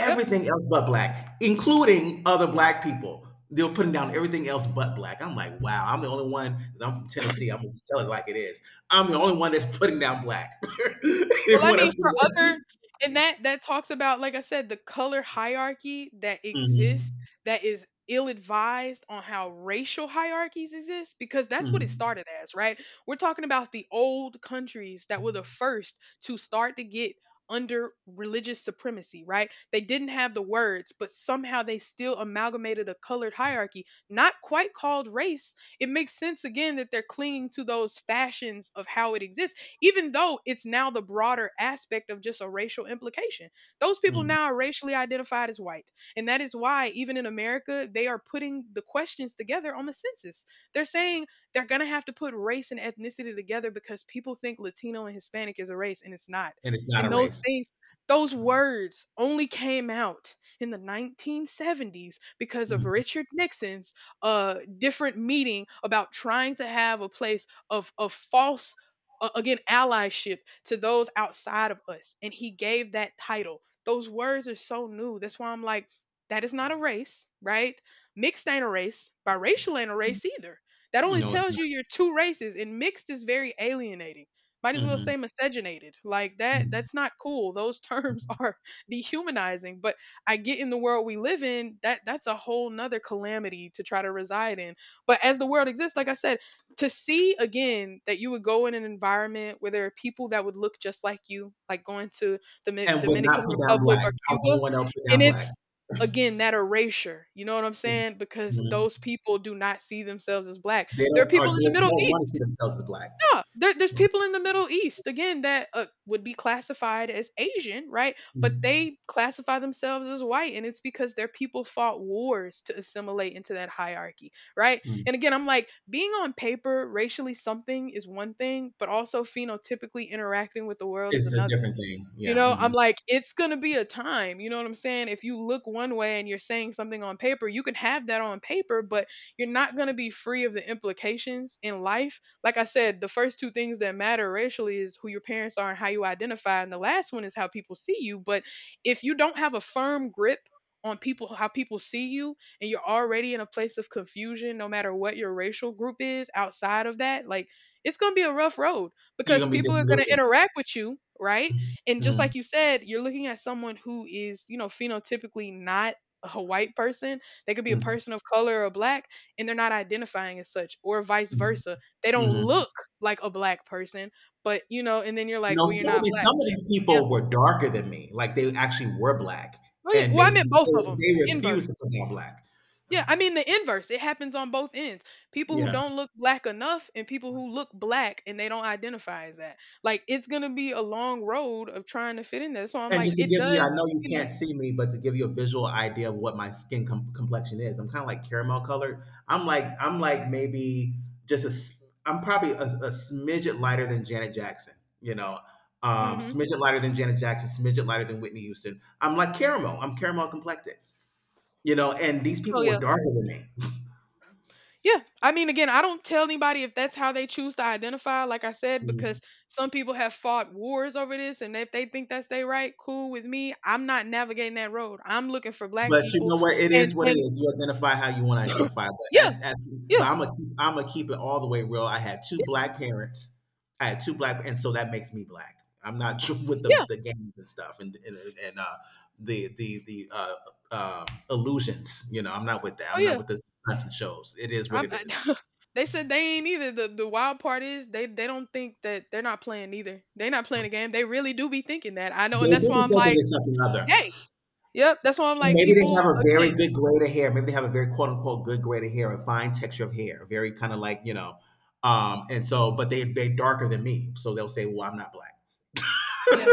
Speaker 1: yep.
Speaker 2: else but black, including other black people. They were putting down everything else but black. I'm like, wow, I'm the only one. 'Cause I'm from Tennessee. I'm gonna tell it like it is. I'm the only one that's putting down black.
Speaker 1: Well, I
Speaker 2: Everyone else.
Speaker 1: mean, for other, and that talks about, like I said, the color hierarchy that exists,
Speaker 2: Mhm,
Speaker 1: that is ill-advised on how racial hierarchies exist, because that's what it
Speaker 2: mhm,
Speaker 1: started as, right? We're talking about the old countries that were the first to start to get under religious supremacy, right? They didn't have the words, but somehow they still amalgamated a colored hierarchy, not quite called race. It makes sense again that they're clinging to those fashions of how it exists, even though it's now the broader aspect of just a racial implication. Those people
Speaker 2: mhm.
Speaker 1: now are racially identified as white. And that is why, even in America, they are putting the questions together on the census. They're saying they're going to have to put race and ethnicity together because people think Latino and Hispanic is a race, and it's not.
Speaker 2: And it's not a
Speaker 1: And those
Speaker 2: race.
Speaker 1: things, those words only came out in the 1970s because of
Speaker 2: Mm.
Speaker 1: Richard Nixon's different meeting about trying to have a place of false again allyship to those outside of us, and he gave that title. Those words are so new, that's why I'm like, that is not a race, right? Mixed ain't a race, biracial ain't a race either. That only
Speaker 2: No, it's
Speaker 1: tells you you're two races, and mixed is very alienating. Might
Speaker 2: not.
Speaker 1: as well
Speaker 2: Mhm.
Speaker 1: say miscegenated. Like that
Speaker 2: Mm.
Speaker 1: that's not cool. Those terms are dehumanizing, but I get in the world we live in, that that's a whole nother calamity to try to reside in. But as the world exists, like I said, to see again that you would go in an environment where there are people that would look just like you, like going to the Mi-
Speaker 2: And would not
Speaker 1: Dominican
Speaker 2: put down
Speaker 1: Republic
Speaker 2: black.
Speaker 1: or
Speaker 2: I was the only
Speaker 1: Cuba,
Speaker 2: one that would put
Speaker 1: and
Speaker 2: down black.
Speaker 1: it's again that erasure. You know what I'm
Speaker 2: Mm.
Speaker 1: saying? Because
Speaker 2: Mhm.
Speaker 1: those people do not see themselves as black.
Speaker 2: They
Speaker 1: There are
Speaker 2: don't or
Speaker 1: people in
Speaker 2: they
Speaker 1: the Middle
Speaker 2: don't want to
Speaker 1: East,
Speaker 2: see themselves as black.
Speaker 1: yeah, there's people in the Middle East again that would be classified as Asian, right? But
Speaker 2: Mm.
Speaker 1: they classify themselves as white, and it's because their people fought wars to assimilate into that hierarchy, right?
Speaker 2: Mm.
Speaker 1: And again, I'm like, being on paper racially something is one thing, but also phenotypically interacting with the world is
Speaker 2: It's a
Speaker 1: another.
Speaker 2: different thing.
Speaker 1: You
Speaker 2: Yeah,
Speaker 1: know,
Speaker 2: mhm.
Speaker 1: I'm like, it's going to be a time. You know what I'm saying? If you look one way and you're saying something on paper, you can have that on paper, but you're not going to be free of the implications in life. Like I said, the first two things that matter racially is who your parents are and how you identify. And the last one is how people see you. But if you don't have a firm grip on people, how people see you, and you're already in a place of confusion no matter what your racial group is outside of that, like, it's going to be a rough road
Speaker 2: You're
Speaker 1: because
Speaker 2: gonna be
Speaker 1: people are going to
Speaker 2: disillusioned.
Speaker 1: interact with you, right?
Speaker 2: Mm.
Speaker 1: And just
Speaker 2: Mhm.
Speaker 1: like you said, you're looking at someone who is, you know, phenotypically not a white person. They could be a
Speaker 2: Mm.
Speaker 1: person of color or black, and they're not identifying as such, or vice
Speaker 2: Mm.
Speaker 1: versa. They don't
Speaker 2: Mhm.
Speaker 1: look like a black person, but you know, and then you're like,
Speaker 2: No,
Speaker 1: well, you're
Speaker 2: some of
Speaker 1: not
Speaker 2: these
Speaker 1: black.
Speaker 2: some of these
Speaker 1: Yeah.
Speaker 2: people were darker than me. Like, they actually were black,
Speaker 1: Oh, yeah.
Speaker 2: and
Speaker 1: Well,
Speaker 2: they
Speaker 1: I meant both
Speaker 2: they
Speaker 1: of them.
Speaker 2: they
Speaker 1: Inverse.
Speaker 2: refused to put down black.
Speaker 1: Yeah, I mean the inverse. It happens on both ends. People who
Speaker 2: Yeah.
Speaker 1: don't look black enough and people who look black and they don't identify as that. Like it's gonna be a long road of trying to fit in there. So I'm
Speaker 2: And
Speaker 1: like,
Speaker 2: just to
Speaker 1: it
Speaker 2: give you,
Speaker 1: does,
Speaker 2: I know you
Speaker 1: you
Speaker 2: can't see me, but to give you a visual idea of what my skin com- complexion is, I'm kind of like caramel colored. I'm like maybe just a s- I'm probably a smidget lighter than Janet Jackson, you know,
Speaker 1: know. Hmm.
Speaker 2: smidget lighter than Janet Jackson, smidget lighter than Whitney Houston. I'm like caramel. I'm caramel complected, you know. And these
Speaker 1: Oh
Speaker 2: people were
Speaker 1: yeah.
Speaker 2: darker than
Speaker 1: Yeah. I mean, again, I don't tell anybody if that's how they choose to identify, like I said,
Speaker 2: me.
Speaker 1: because some people have fought wars over this. And if they think that's their right, cool with me. I'm not navigating that road. I'm looking for black
Speaker 2: But you
Speaker 1: people.
Speaker 2: know what? It is what it
Speaker 1: And
Speaker 2: is. You identify how you want to identify. But
Speaker 1: yeah,
Speaker 2: as but
Speaker 1: yeah,
Speaker 2: I'm gonna keep it all the way real. I had two
Speaker 1: yeah,
Speaker 2: black parents. I had two black, and so that makes me black. I'm not with the,
Speaker 1: yeah.
Speaker 2: the games and stuff, and and the illusions. You know, I'm not with that.
Speaker 1: Oh,
Speaker 2: I'm not
Speaker 1: yeah.
Speaker 2: with the stunts and shows. It is what
Speaker 1: I'm,
Speaker 2: it
Speaker 1: I,
Speaker 2: is.
Speaker 1: they said they ain't either. The wild part is they don't think that they're not playing either. They're not playing a game. They really do be thinking that. I know. And
Speaker 2: They
Speaker 1: that's
Speaker 2: do be
Speaker 1: why I'm
Speaker 2: thinking
Speaker 1: like,
Speaker 2: it's something other.
Speaker 1: hey, yep. That's why I'm
Speaker 2: And
Speaker 1: like,
Speaker 2: maybe they
Speaker 1: people,
Speaker 2: have a very
Speaker 1: again,
Speaker 2: good grade of hair. Maybe they have a very quote unquote good grade of hair, a fine texture of hair, very kind of like, you know, and so, but they darker than me, so they'll say, "Well, I'm not black."
Speaker 1: yeah.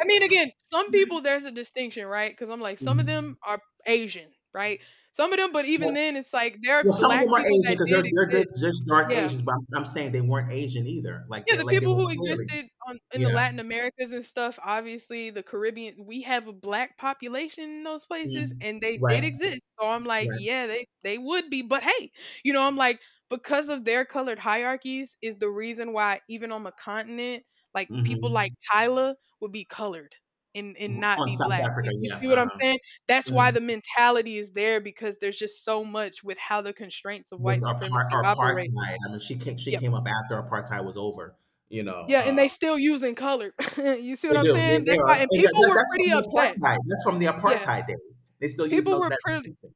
Speaker 1: I mean, again, some people there's a distinction, right? Because I'm like, some of them
Speaker 2: Mhm.
Speaker 1: are Asian, right? Some of them, but even
Speaker 2: Well,
Speaker 1: then, it's like there are
Speaker 2: well, some of them
Speaker 1: black
Speaker 2: are
Speaker 1: people
Speaker 2: Asian
Speaker 1: that
Speaker 2: because they're
Speaker 1: did
Speaker 2: they're good,
Speaker 1: exist.
Speaker 2: just dark
Speaker 1: Yeah.
Speaker 2: Asians, but I'm saying they weren't Asian either. Like
Speaker 1: Yeah,
Speaker 2: they
Speaker 1: the
Speaker 2: like they
Speaker 1: people
Speaker 2: were
Speaker 1: who
Speaker 2: clearly,
Speaker 1: existed on in the
Speaker 2: yeah.
Speaker 1: Latin Americas and stuff, obviously the Caribbean, we have a black population in those places
Speaker 2: Mhm.
Speaker 1: and they
Speaker 2: Right,
Speaker 1: did exist. So I'm like,
Speaker 2: right.
Speaker 1: yeah, they would be, but hey, you know, I'm like because of their colored hierarchies is the reason why even on the continent, like people like
Speaker 2: Hmm.
Speaker 1: Tyler would be colored and not
Speaker 2: On
Speaker 1: be
Speaker 2: South
Speaker 1: black. Y-
Speaker 2: Africa,
Speaker 1: You
Speaker 2: yeah,
Speaker 1: see what I'm
Speaker 2: uh-huh.
Speaker 1: saying? That's why
Speaker 2: Mhm.
Speaker 1: the mentality is there because there's just so much with how the constraints of
Speaker 2: With
Speaker 1: white
Speaker 2: apart
Speaker 1: supremacy
Speaker 2: apartheid.
Speaker 1: operates.
Speaker 2: I mean, she came she
Speaker 1: Yeah.
Speaker 2: came up after apartheid was over, you know.
Speaker 1: Yeah, and they still using color. You see
Speaker 2: They
Speaker 1: what I'm
Speaker 2: do. They,
Speaker 1: saying?
Speaker 2: they
Speaker 1: That's
Speaker 2: are,
Speaker 1: why and
Speaker 2: and
Speaker 1: people
Speaker 2: that,
Speaker 1: were
Speaker 2: that's
Speaker 1: pretty
Speaker 2: from the
Speaker 1: upset.
Speaker 2: apartheid. That's from the
Speaker 1: Yeah.
Speaker 2: apartheid days. They're still using
Speaker 1: People
Speaker 2: those
Speaker 1: were
Speaker 2: that
Speaker 1: pre-
Speaker 2: distinction.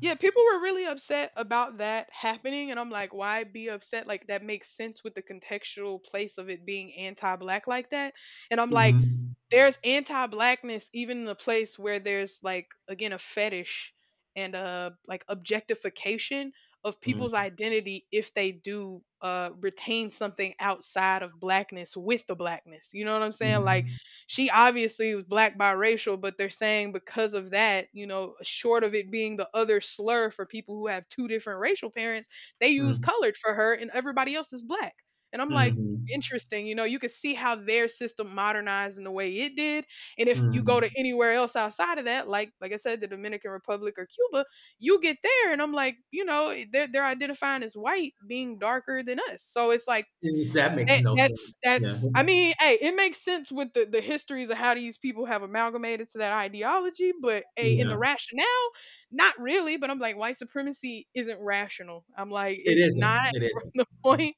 Speaker 1: yeah, people were really upset about that happening, and I'm like, why be upset? Like that makes sense with the contextual place of it being anti-black like that. And I'm like,
Speaker 2: Mm-hmm.
Speaker 1: there's anti-blackness even in the place where there's like again a fetish and a like objectification of people's identity if they do retain something outside of blackness with the blackness. You know what I'm saying? Like
Speaker 2: Mm-hmm.
Speaker 1: she obviously was black biracial, but they're saying because of that, you know, short of it being the other slur for people who have two different racial parents, they use
Speaker 2: Mm-hmm.
Speaker 1: colored for her and everybody else is black. And I'm like,
Speaker 2: Mm-hmm.
Speaker 1: interesting, you know, you can see how their system modernized in the way it did. And if you go to
Speaker 2: Mm-hmm.
Speaker 1: anywhere else outside of that, like I said, the Dominican Republic or Cuba, you get there and I'm like, you know, they're identifying as white being darker than us. So it's like
Speaker 2: And that makes
Speaker 1: that
Speaker 2: no sense.
Speaker 1: that's
Speaker 2: Yeah.
Speaker 1: that's I mean, hey, it makes sense with the histories of how these people have amalgamated to that ideology, but hey, in
Speaker 2: Yeah.
Speaker 1: the rationale, not really, but I'm like white supremacy isn't rational. I'm like
Speaker 2: It
Speaker 1: it's
Speaker 2: isn't.
Speaker 1: not
Speaker 2: It
Speaker 1: from the
Speaker 2: isn't.
Speaker 1: point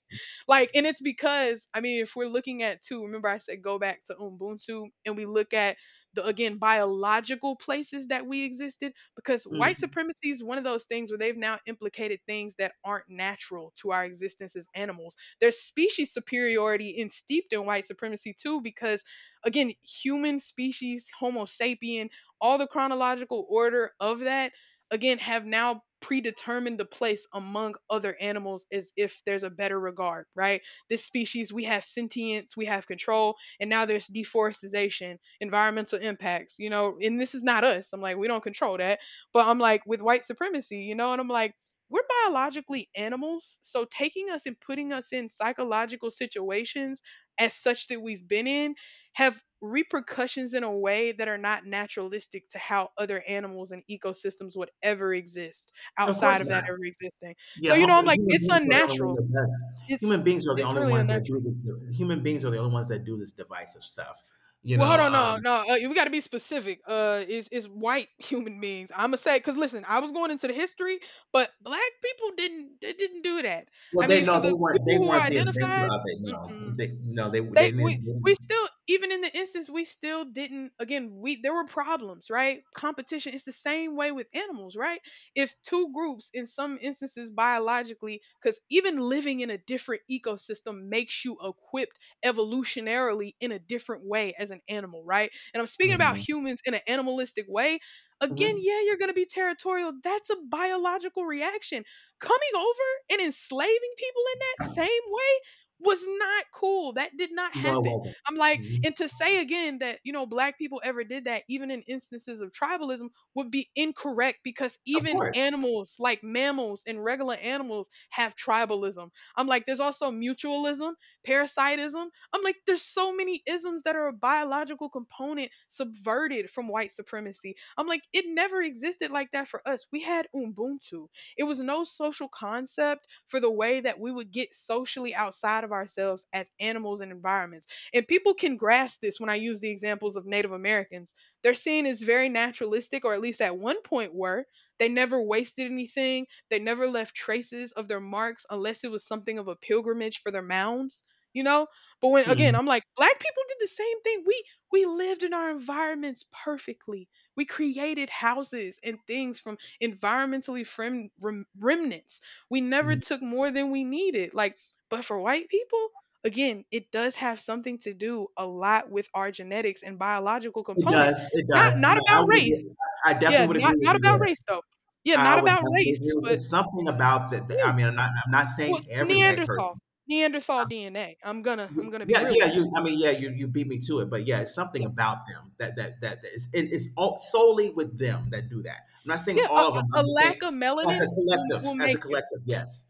Speaker 1: like and it's because I mean, if we're looking at too, remember I said go back to Ubuntu and we look at the again biological places that we existed because white
Speaker 2: Mm.
Speaker 1: supremacy is one of those things where they've now implicated things that aren't natural to our existence as animals. There's species superiority in steeped in white supremacy too because again human species homo sapien, all the chronological order of that, again have now predetermined the place among other animals as if there's a better regard, right? This species, we have sentience, we have control, and now there's deforestation, environmental impacts, you know, and this is not us. I'm like, we don't control that, but I'm like with white supremacy, you know, and I'm like we're biologically animals. So taking us and putting us in psychological situations as such that we've been in have repercussions in a way that are not naturalistic to how other animals and ecosystems would ever exist
Speaker 2: Of course
Speaker 1: outside of that
Speaker 2: not.
Speaker 1: ever existing.
Speaker 2: Yeah,
Speaker 1: So you know, I'm like,
Speaker 2: human
Speaker 1: it's
Speaker 2: beings are the only ones
Speaker 1: unnatural.
Speaker 2: that that's human
Speaker 1: It's
Speaker 2: beings are the
Speaker 1: it's
Speaker 2: only
Speaker 1: really
Speaker 2: ones that do
Speaker 1: unnatural.
Speaker 2: this. Human beings are the only ones that do this divisive stuff. You
Speaker 1: Well, hold
Speaker 2: know,
Speaker 1: on, no, no. We got to be specific. Is white human beings? I'm gonna say because listen, I was going into the history, but black people didn't, they didn't do that.
Speaker 2: well,
Speaker 1: I
Speaker 2: they
Speaker 1: mean, for
Speaker 2: know they
Speaker 1: the
Speaker 2: weren't they
Speaker 1: people who
Speaker 2: weren't the inventor
Speaker 1: identified,
Speaker 2: of it. No,
Speaker 1: mm-mm.
Speaker 2: they, no,
Speaker 1: They
Speaker 2: they didn't.
Speaker 1: we still even in the instance we still didn't again, we there were problems, right? Competition, it's the same way with animals, right? If two groups in some instances biologically, because even living in a different ecosystem makes you equipped evolutionarily in a different way as an animal, right? And I'm speaking about humans in an animalistic way. Again,
Speaker 2: Mhm.
Speaker 1: yeah, you're gonna be territorial, that's a biological reaction. Coming over and enslaving people in that same way was not cool. That did not
Speaker 2: No, it
Speaker 1: happen.
Speaker 2: wasn't.
Speaker 1: I'm like,
Speaker 2: Mhm.
Speaker 1: and to say again that, you know, black people ever did that, even in instances of tribalism, would be incorrect because
Speaker 2: Of
Speaker 1: even
Speaker 2: course.
Speaker 1: animals like mammals and regular animals have tribalism. I'm like, there's also mutualism, parasitism. I'm like, there's so many isms that are a biological component subverted from white supremacy. I'm like, it never existed like that for us. We had Ubuntu. It was no social concept for the way that we would get socially outside of ourselves as animals and environments. And people can grasp this when I use the examples of Native Americans. They're seen as very naturalistic, or at least at one point were. They never wasted anything, they never left traces of their marks unless it was something of a pilgrimage for their mounds. You know, but when again,
Speaker 2: Mhm.
Speaker 1: I'm like, black people did the same thing. We lived in our environments perfectly. We created houses and things from environmentally remnants. We never
Speaker 2: Mhm.
Speaker 1: took more than we needed. Like, but for white people, again, it does have something to do a lot with our genetics and biological
Speaker 2: It
Speaker 1: components.
Speaker 2: does. It
Speaker 1: Not
Speaker 2: does.
Speaker 1: not
Speaker 2: No, I
Speaker 1: about
Speaker 2: would.
Speaker 1: race.
Speaker 2: Agree. I
Speaker 1: Yeah,
Speaker 2: definitely would
Speaker 1: not
Speaker 2: agree with
Speaker 1: not
Speaker 2: you
Speaker 1: about
Speaker 2: there.
Speaker 1: race though. Yeah,
Speaker 2: I
Speaker 1: not
Speaker 2: would
Speaker 1: about
Speaker 2: definitely
Speaker 1: race,
Speaker 2: agree. With,
Speaker 1: but
Speaker 2: there's something about that. That- I
Speaker 1: yeah,
Speaker 2: mean, I'm not. I'm not
Speaker 1: well,
Speaker 2: saying
Speaker 1: it's
Speaker 2: every white person.
Speaker 1: Neanderthal DNA. I'm gonna
Speaker 2: Y-
Speaker 1: I'm gonna be
Speaker 2: Yeah,
Speaker 1: real
Speaker 2: yeah.
Speaker 1: with you.
Speaker 2: You. I mean, yeah. You. You beat me to it, but yeah, it's something
Speaker 1: Yeah,
Speaker 2: about them that that is. It, it's all, solely with them that do that. I'm not saying
Speaker 1: yeah. A,
Speaker 2: all of them.
Speaker 1: a
Speaker 2: I'm just saying
Speaker 1: lack of
Speaker 2: as
Speaker 1: melanin
Speaker 2: a collective.
Speaker 1: will
Speaker 2: As a
Speaker 1: make you.
Speaker 2: collective, yes.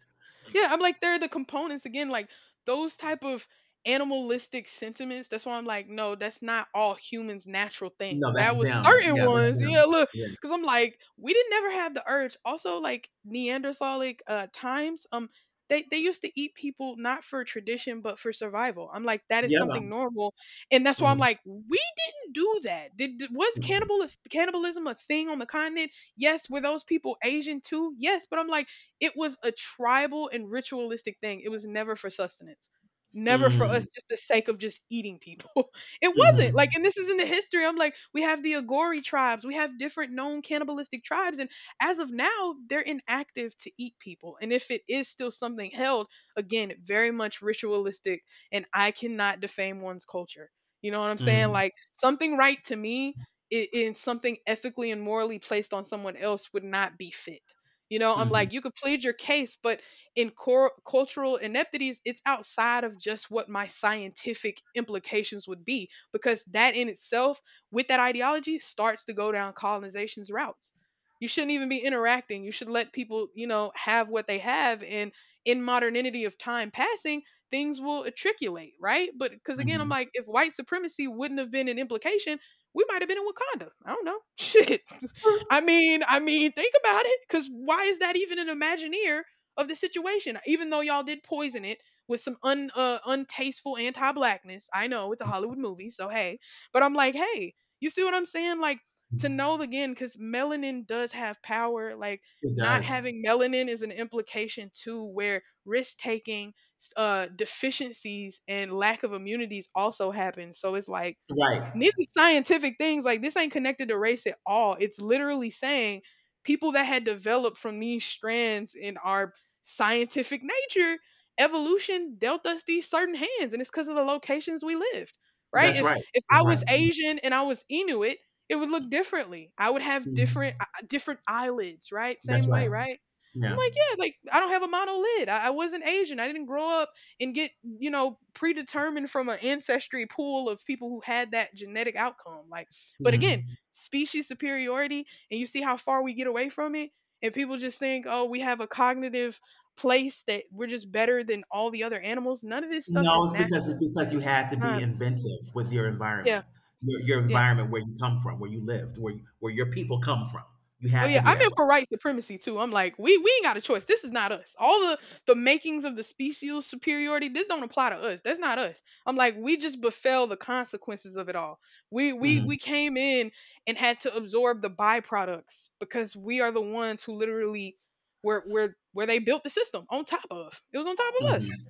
Speaker 1: Yeah, I'm like they're the components again, like those type of animalistic sentiments. That's why I'm like, no, that's not all humans' natural
Speaker 2: No,
Speaker 1: things. That
Speaker 2: that's
Speaker 1: was
Speaker 2: them.
Speaker 1: certain
Speaker 2: Yeah, that's
Speaker 1: ones.
Speaker 2: them.
Speaker 1: Yeah, look,
Speaker 2: Yeah.
Speaker 1: because I'm like, we didn't never have the urge. Also, like Neanderthalic times, they used to eat people not for tradition but for survival. I'm like, that is
Speaker 2: Yeah.
Speaker 1: something normal, and that's why I'm
Speaker 2: Mm-hmm.
Speaker 1: like, we didn't do that. Was cannibalism a thing on the continent? Yes, were those people Asian too? Yes, but I'm like it was a tribal and ritualistic thing. It was never for sustenance. Never for
Speaker 2: Mm-hmm.
Speaker 1: us just the sake of just eating people. It wasn't. Like,
Speaker 2: Mm-hmm.
Speaker 1: and this is in the history. I'm like, we have the Agori tribes, we have different known cannibalistic tribes, and as of now, they're inactive to eat people. And if it is still something held, again, very much ritualistic, and I cannot defame one's culture. You know what I'm saying?
Speaker 2: Mm,
Speaker 1: Like something right to me in something ethically and morally placed on someone else would not be fit. You know, I'm
Speaker 2: mhm,
Speaker 1: like, you could plead your case, but in cultural ineptities, it's outside of just what my scientific implications would be, because that in itself, with that ideology, starts to go down colonization's routes. You shouldn't even be interacting. You should let people, you know, have what they have. And in modernity of time passing, things will matriculate, right? But because again, I'm
Speaker 2: mhm.
Speaker 1: like, if white supremacy wouldn't have been an implication, we might have been in Wakanda. I don't know. Shit. I mean, think about it. Because why is that even an Imagineer of the situation? Even though y'all did poison it with some un untasteful anti-blackness. I know it's a Hollywood movie, so hey. But I'm like, hey, you see what I'm saying? Like to know again, because melanin does have power. Like
Speaker 2: It
Speaker 1: not
Speaker 2: does.
Speaker 1: having melanin is an implication too, where risk taking, deficiencies and lack of immunities also happen. So it's like
Speaker 2: Right.
Speaker 1: and these are scientific things. Like this ain't connected to race at all. It's literally saying people that had developed from these strands in our scientific nature, evolution dealt us these certain hands, and it's because of the locations we lived. Right?
Speaker 2: That's
Speaker 1: If
Speaker 2: right.
Speaker 1: if
Speaker 2: That's
Speaker 1: I
Speaker 2: right.
Speaker 1: was Asian and I was Inuit, it would look differently. I would have different
Speaker 2: Mm.
Speaker 1: different eyelids. Right?
Speaker 2: That's
Speaker 1: Same way.
Speaker 2: right.
Speaker 1: Right? I'm
Speaker 2: Yeah.
Speaker 1: like, yeah, like I don't have a monolid. I wasn't Asian. I didn't grow up and get you know predetermined from an ancestry pool of people who had that genetic outcome, like but again
Speaker 2: Mm.
Speaker 1: species superiority, and you see how far we get away from it, and people just think, oh, we have a cognitive place that we're just better than all the other animals. None of this stuff
Speaker 2: No,
Speaker 1: is
Speaker 2: it's because
Speaker 1: natural.
Speaker 2: it's because you had
Speaker 1: It's
Speaker 2: to be
Speaker 1: not.
Speaker 2: inventive with your
Speaker 1: Yeah.
Speaker 2: environment, your
Speaker 1: Yeah.
Speaker 2: environment where you come from, where you lived, where you, where your people come from. You
Speaker 1: Oh
Speaker 2: had to
Speaker 1: yeah,
Speaker 2: be
Speaker 1: I'm
Speaker 2: that
Speaker 1: in
Speaker 2: way.
Speaker 1: for white supremacy too. I'm like, we ain't got a choice. This is not us. All the makings of the special superiority, this don't apply to us. That's not us. I'm like, we just befell the consequences of it all. We we
Speaker 2: Mm,
Speaker 1: we came in and had to absorb the byproducts because we are the ones who literally were where they built the system on top of. It was on top of us.
Speaker 2: mhm,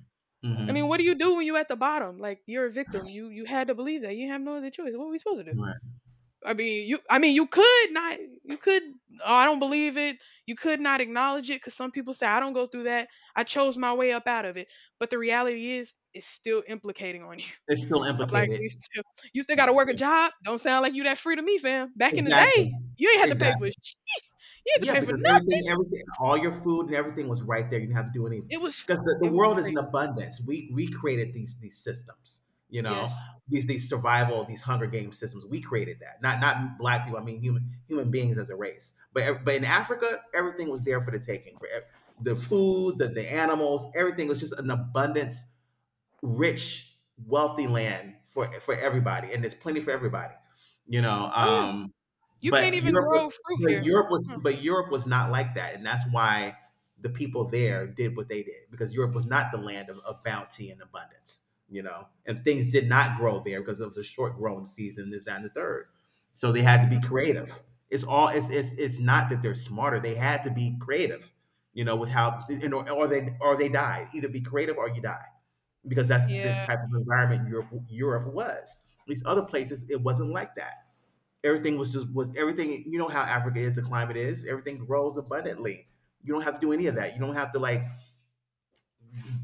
Speaker 1: I mean, what
Speaker 2: mhm.
Speaker 1: do you do when you at the bottom? Like you're a victim. You had to believe that. You have no other choice. What are we supposed to do?
Speaker 2: Right.
Speaker 1: I mean, you could not. You could. Oh, I don't believe it. You could not acknowledge it because some people say I don't go through that. I chose my way up out of it. But the reality is, it's still implicating on you.
Speaker 2: It's still
Speaker 1: I'm like,
Speaker 2: implicated.
Speaker 1: you still
Speaker 2: Yeah.
Speaker 1: got to work a job. Don't sound like you that free to me, fam. Back in the
Speaker 2: Exactly.
Speaker 1: day, you ain't have to pay for.
Speaker 2: Exactly.
Speaker 1: Sh- You had to
Speaker 2: Yeah,
Speaker 1: pay for
Speaker 2: because everything,
Speaker 1: nothing.
Speaker 2: everything, all your food and everything was right there. You didn't have to do anything
Speaker 1: It was.
Speaker 2: because the
Speaker 1: It was
Speaker 2: world is
Speaker 1: free.
Speaker 2: in abundance. We created these systems, you know,
Speaker 1: Yes.
Speaker 2: these survival, these Hunger Game systems. We created that, not not black people. I mean, human beings as a race. But in Africa, everything was there for the taking. For the food, the animals, everything was just an abundance rich, wealthy land for everybody, and there's plenty for everybody. You know,
Speaker 1: Oh yeah. You can't
Speaker 2: but
Speaker 1: even
Speaker 2: Europe,
Speaker 1: grow
Speaker 2: was-
Speaker 1: fruit
Speaker 2: but
Speaker 1: here. Mm,
Speaker 2: Europe was not like that, and that's why the people there did what they did because Europe was not the land of bounty and abundance. You know, and things did not grow there because of the short growing season, this, that, and the third. So they had to
Speaker 1: mm-hmm.
Speaker 2: be creative. It's all. It's not that they're smarter. They had to be creative. You know, with how and or they died. Either be creative or you die because that's the
Speaker 1: Yeah.
Speaker 2: type of environment Europe was. At least other places, it wasn't like that. Everything was just was everything. You know how Africa is, the climate is. Everything grows abundantly. You don't have to do any of that. You don't have to like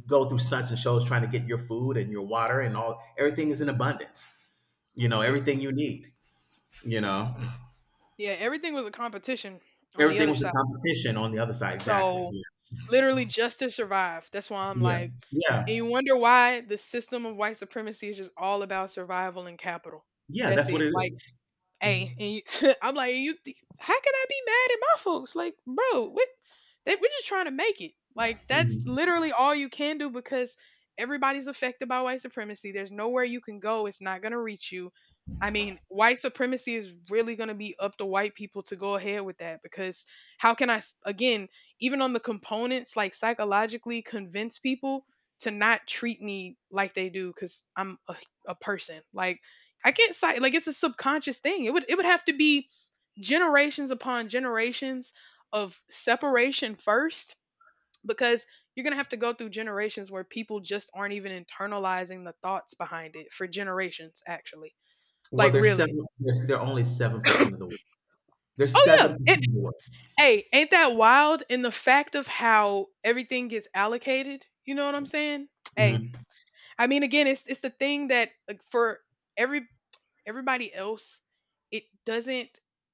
Speaker 2: go through stunts and shows trying to get your food and your water and all. Everything is in abundance. You know
Speaker 1: Y-
Speaker 2: everything you need. You know
Speaker 1: Yeah. Everything was a competition on the
Speaker 2: everything
Speaker 1: other
Speaker 2: was a
Speaker 1: side.
Speaker 2: competition on the other side. Exactly.
Speaker 1: So
Speaker 2: Yeah.
Speaker 1: literally just to survive. That's why I'm
Speaker 2: Yeah.
Speaker 1: like, and
Speaker 2: Yeah.
Speaker 1: you wonder why the system of white supremacy is just all about survival and capital.
Speaker 2: Yeah,
Speaker 1: That's
Speaker 2: that's what it
Speaker 1: it. Like
Speaker 2: is.
Speaker 1: hey, and you, I'm like, how can I be mad at my folks? Like, bro, what? We're just trying to make it. Like, that's
Speaker 2: Mhm.
Speaker 1: literally all you can do because everybody's affected by white supremacy. There's nowhere you can go. It's not gonna reach you. I mean, white supremacy is really gonna be up to white people to go ahead with that because how can I again, even on the components, like psychologically convince people to not treat me like they do because I'm a person. Like I can't cite like it's a subconscious thing. It would have to be generations upon generations of separation first because you're going to have to go through generations where people just aren't even internalizing the thoughts behind it for generations actually.
Speaker 2: Well,
Speaker 1: Like
Speaker 2: there's
Speaker 1: really.
Speaker 2: seven. There's, they're only 7% of the world. There's
Speaker 1: Oh
Speaker 2: seven
Speaker 1: yeah. It,
Speaker 2: percent of the world.
Speaker 1: hey, ain't that wild in the fact of how everything gets allocated? You know what I'm saying? Hey, I mean again, it's the thing that like, for every everybody else it doesn't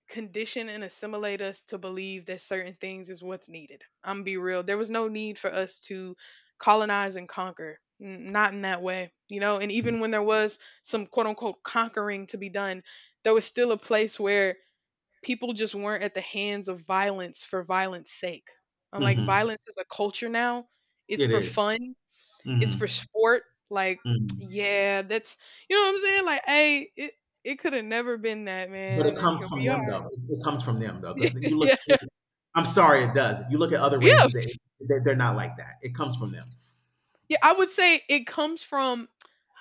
Speaker 1: condition and assimilate us to believe that certain things is what's needed. I'm be real, there was no need for us to colonize and conquer. Not in that way, you know, and even when there was some quote unquote conquering to be done, there was still a place where people just weren't at the hands of violence for violence sake. I'm
Speaker 2: Hmm
Speaker 1: like
Speaker 2: hmm.
Speaker 1: violence is a culture now. It's
Speaker 2: It
Speaker 1: for
Speaker 2: is.
Speaker 1: fun. It's for
Speaker 2: Mhm.
Speaker 1: sport. Like,
Speaker 2: Mhm.
Speaker 1: yeah, that's you know what I'm saying. Like, hey, it could have never been that, man,
Speaker 2: But it
Speaker 1: and then
Speaker 2: comes
Speaker 1: here
Speaker 2: from
Speaker 1: we
Speaker 2: them,
Speaker 1: are.
Speaker 2: though. It comes from them, though, because you look
Speaker 1: yeah,
Speaker 2: I'm sorry, it does. You look at other
Speaker 1: yeah,
Speaker 2: races, that they're not like that. It comes from them.
Speaker 1: yeah. I would say it comes from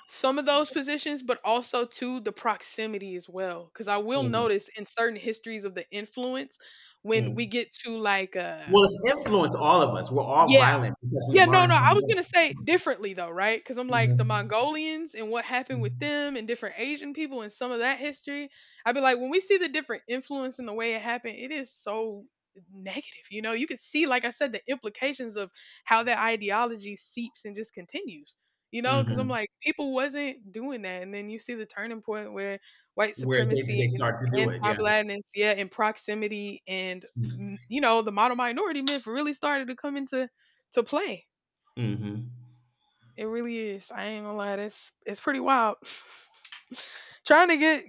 Speaker 1: some of those positions, but also to the proximity as well. Because I will
Speaker 2: Mhm,
Speaker 1: notice in certain histories of the influence when we
Speaker 2: mm.
Speaker 1: get to like
Speaker 2: Well, it's influenced all of us. We're all
Speaker 1: yeah.
Speaker 2: violent because we
Speaker 1: Yeah, no,
Speaker 2: learn
Speaker 1: no, I
Speaker 2: from
Speaker 1: was
Speaker 2: them.
Speaker 1: gonna say differently though, right? Because I'm like the
Speaker 2: Mhm.
Speaker 1: Mongolians and what happened with them and different Asian people and some of that history. I'd be like, when we see the different influence and the way it happened, it is so negative. You know, you could see, like I said, the implications of how that ideology seeps and just continues. You know, because I'm
Speaker 2: Mhm.
Speaker 1: like, people wasn't doing that, and then you see the turning point where white
Speaker 2: Where they
Speaker 1: supremacy
Speaker 2: they
Speaker 1: and
Speaker 2: start to do it, yeah.
Speaker 1: anti-blackness, yeah, and proximity, and
Speaker 2: Mm.
Speaker 1: mm, you know, the model minority myth really started to come into to play.
Speaker 2: Mhm.
Speaker 1: It really is. I ain't gonna lie. That's it's pretty wild. Trying to get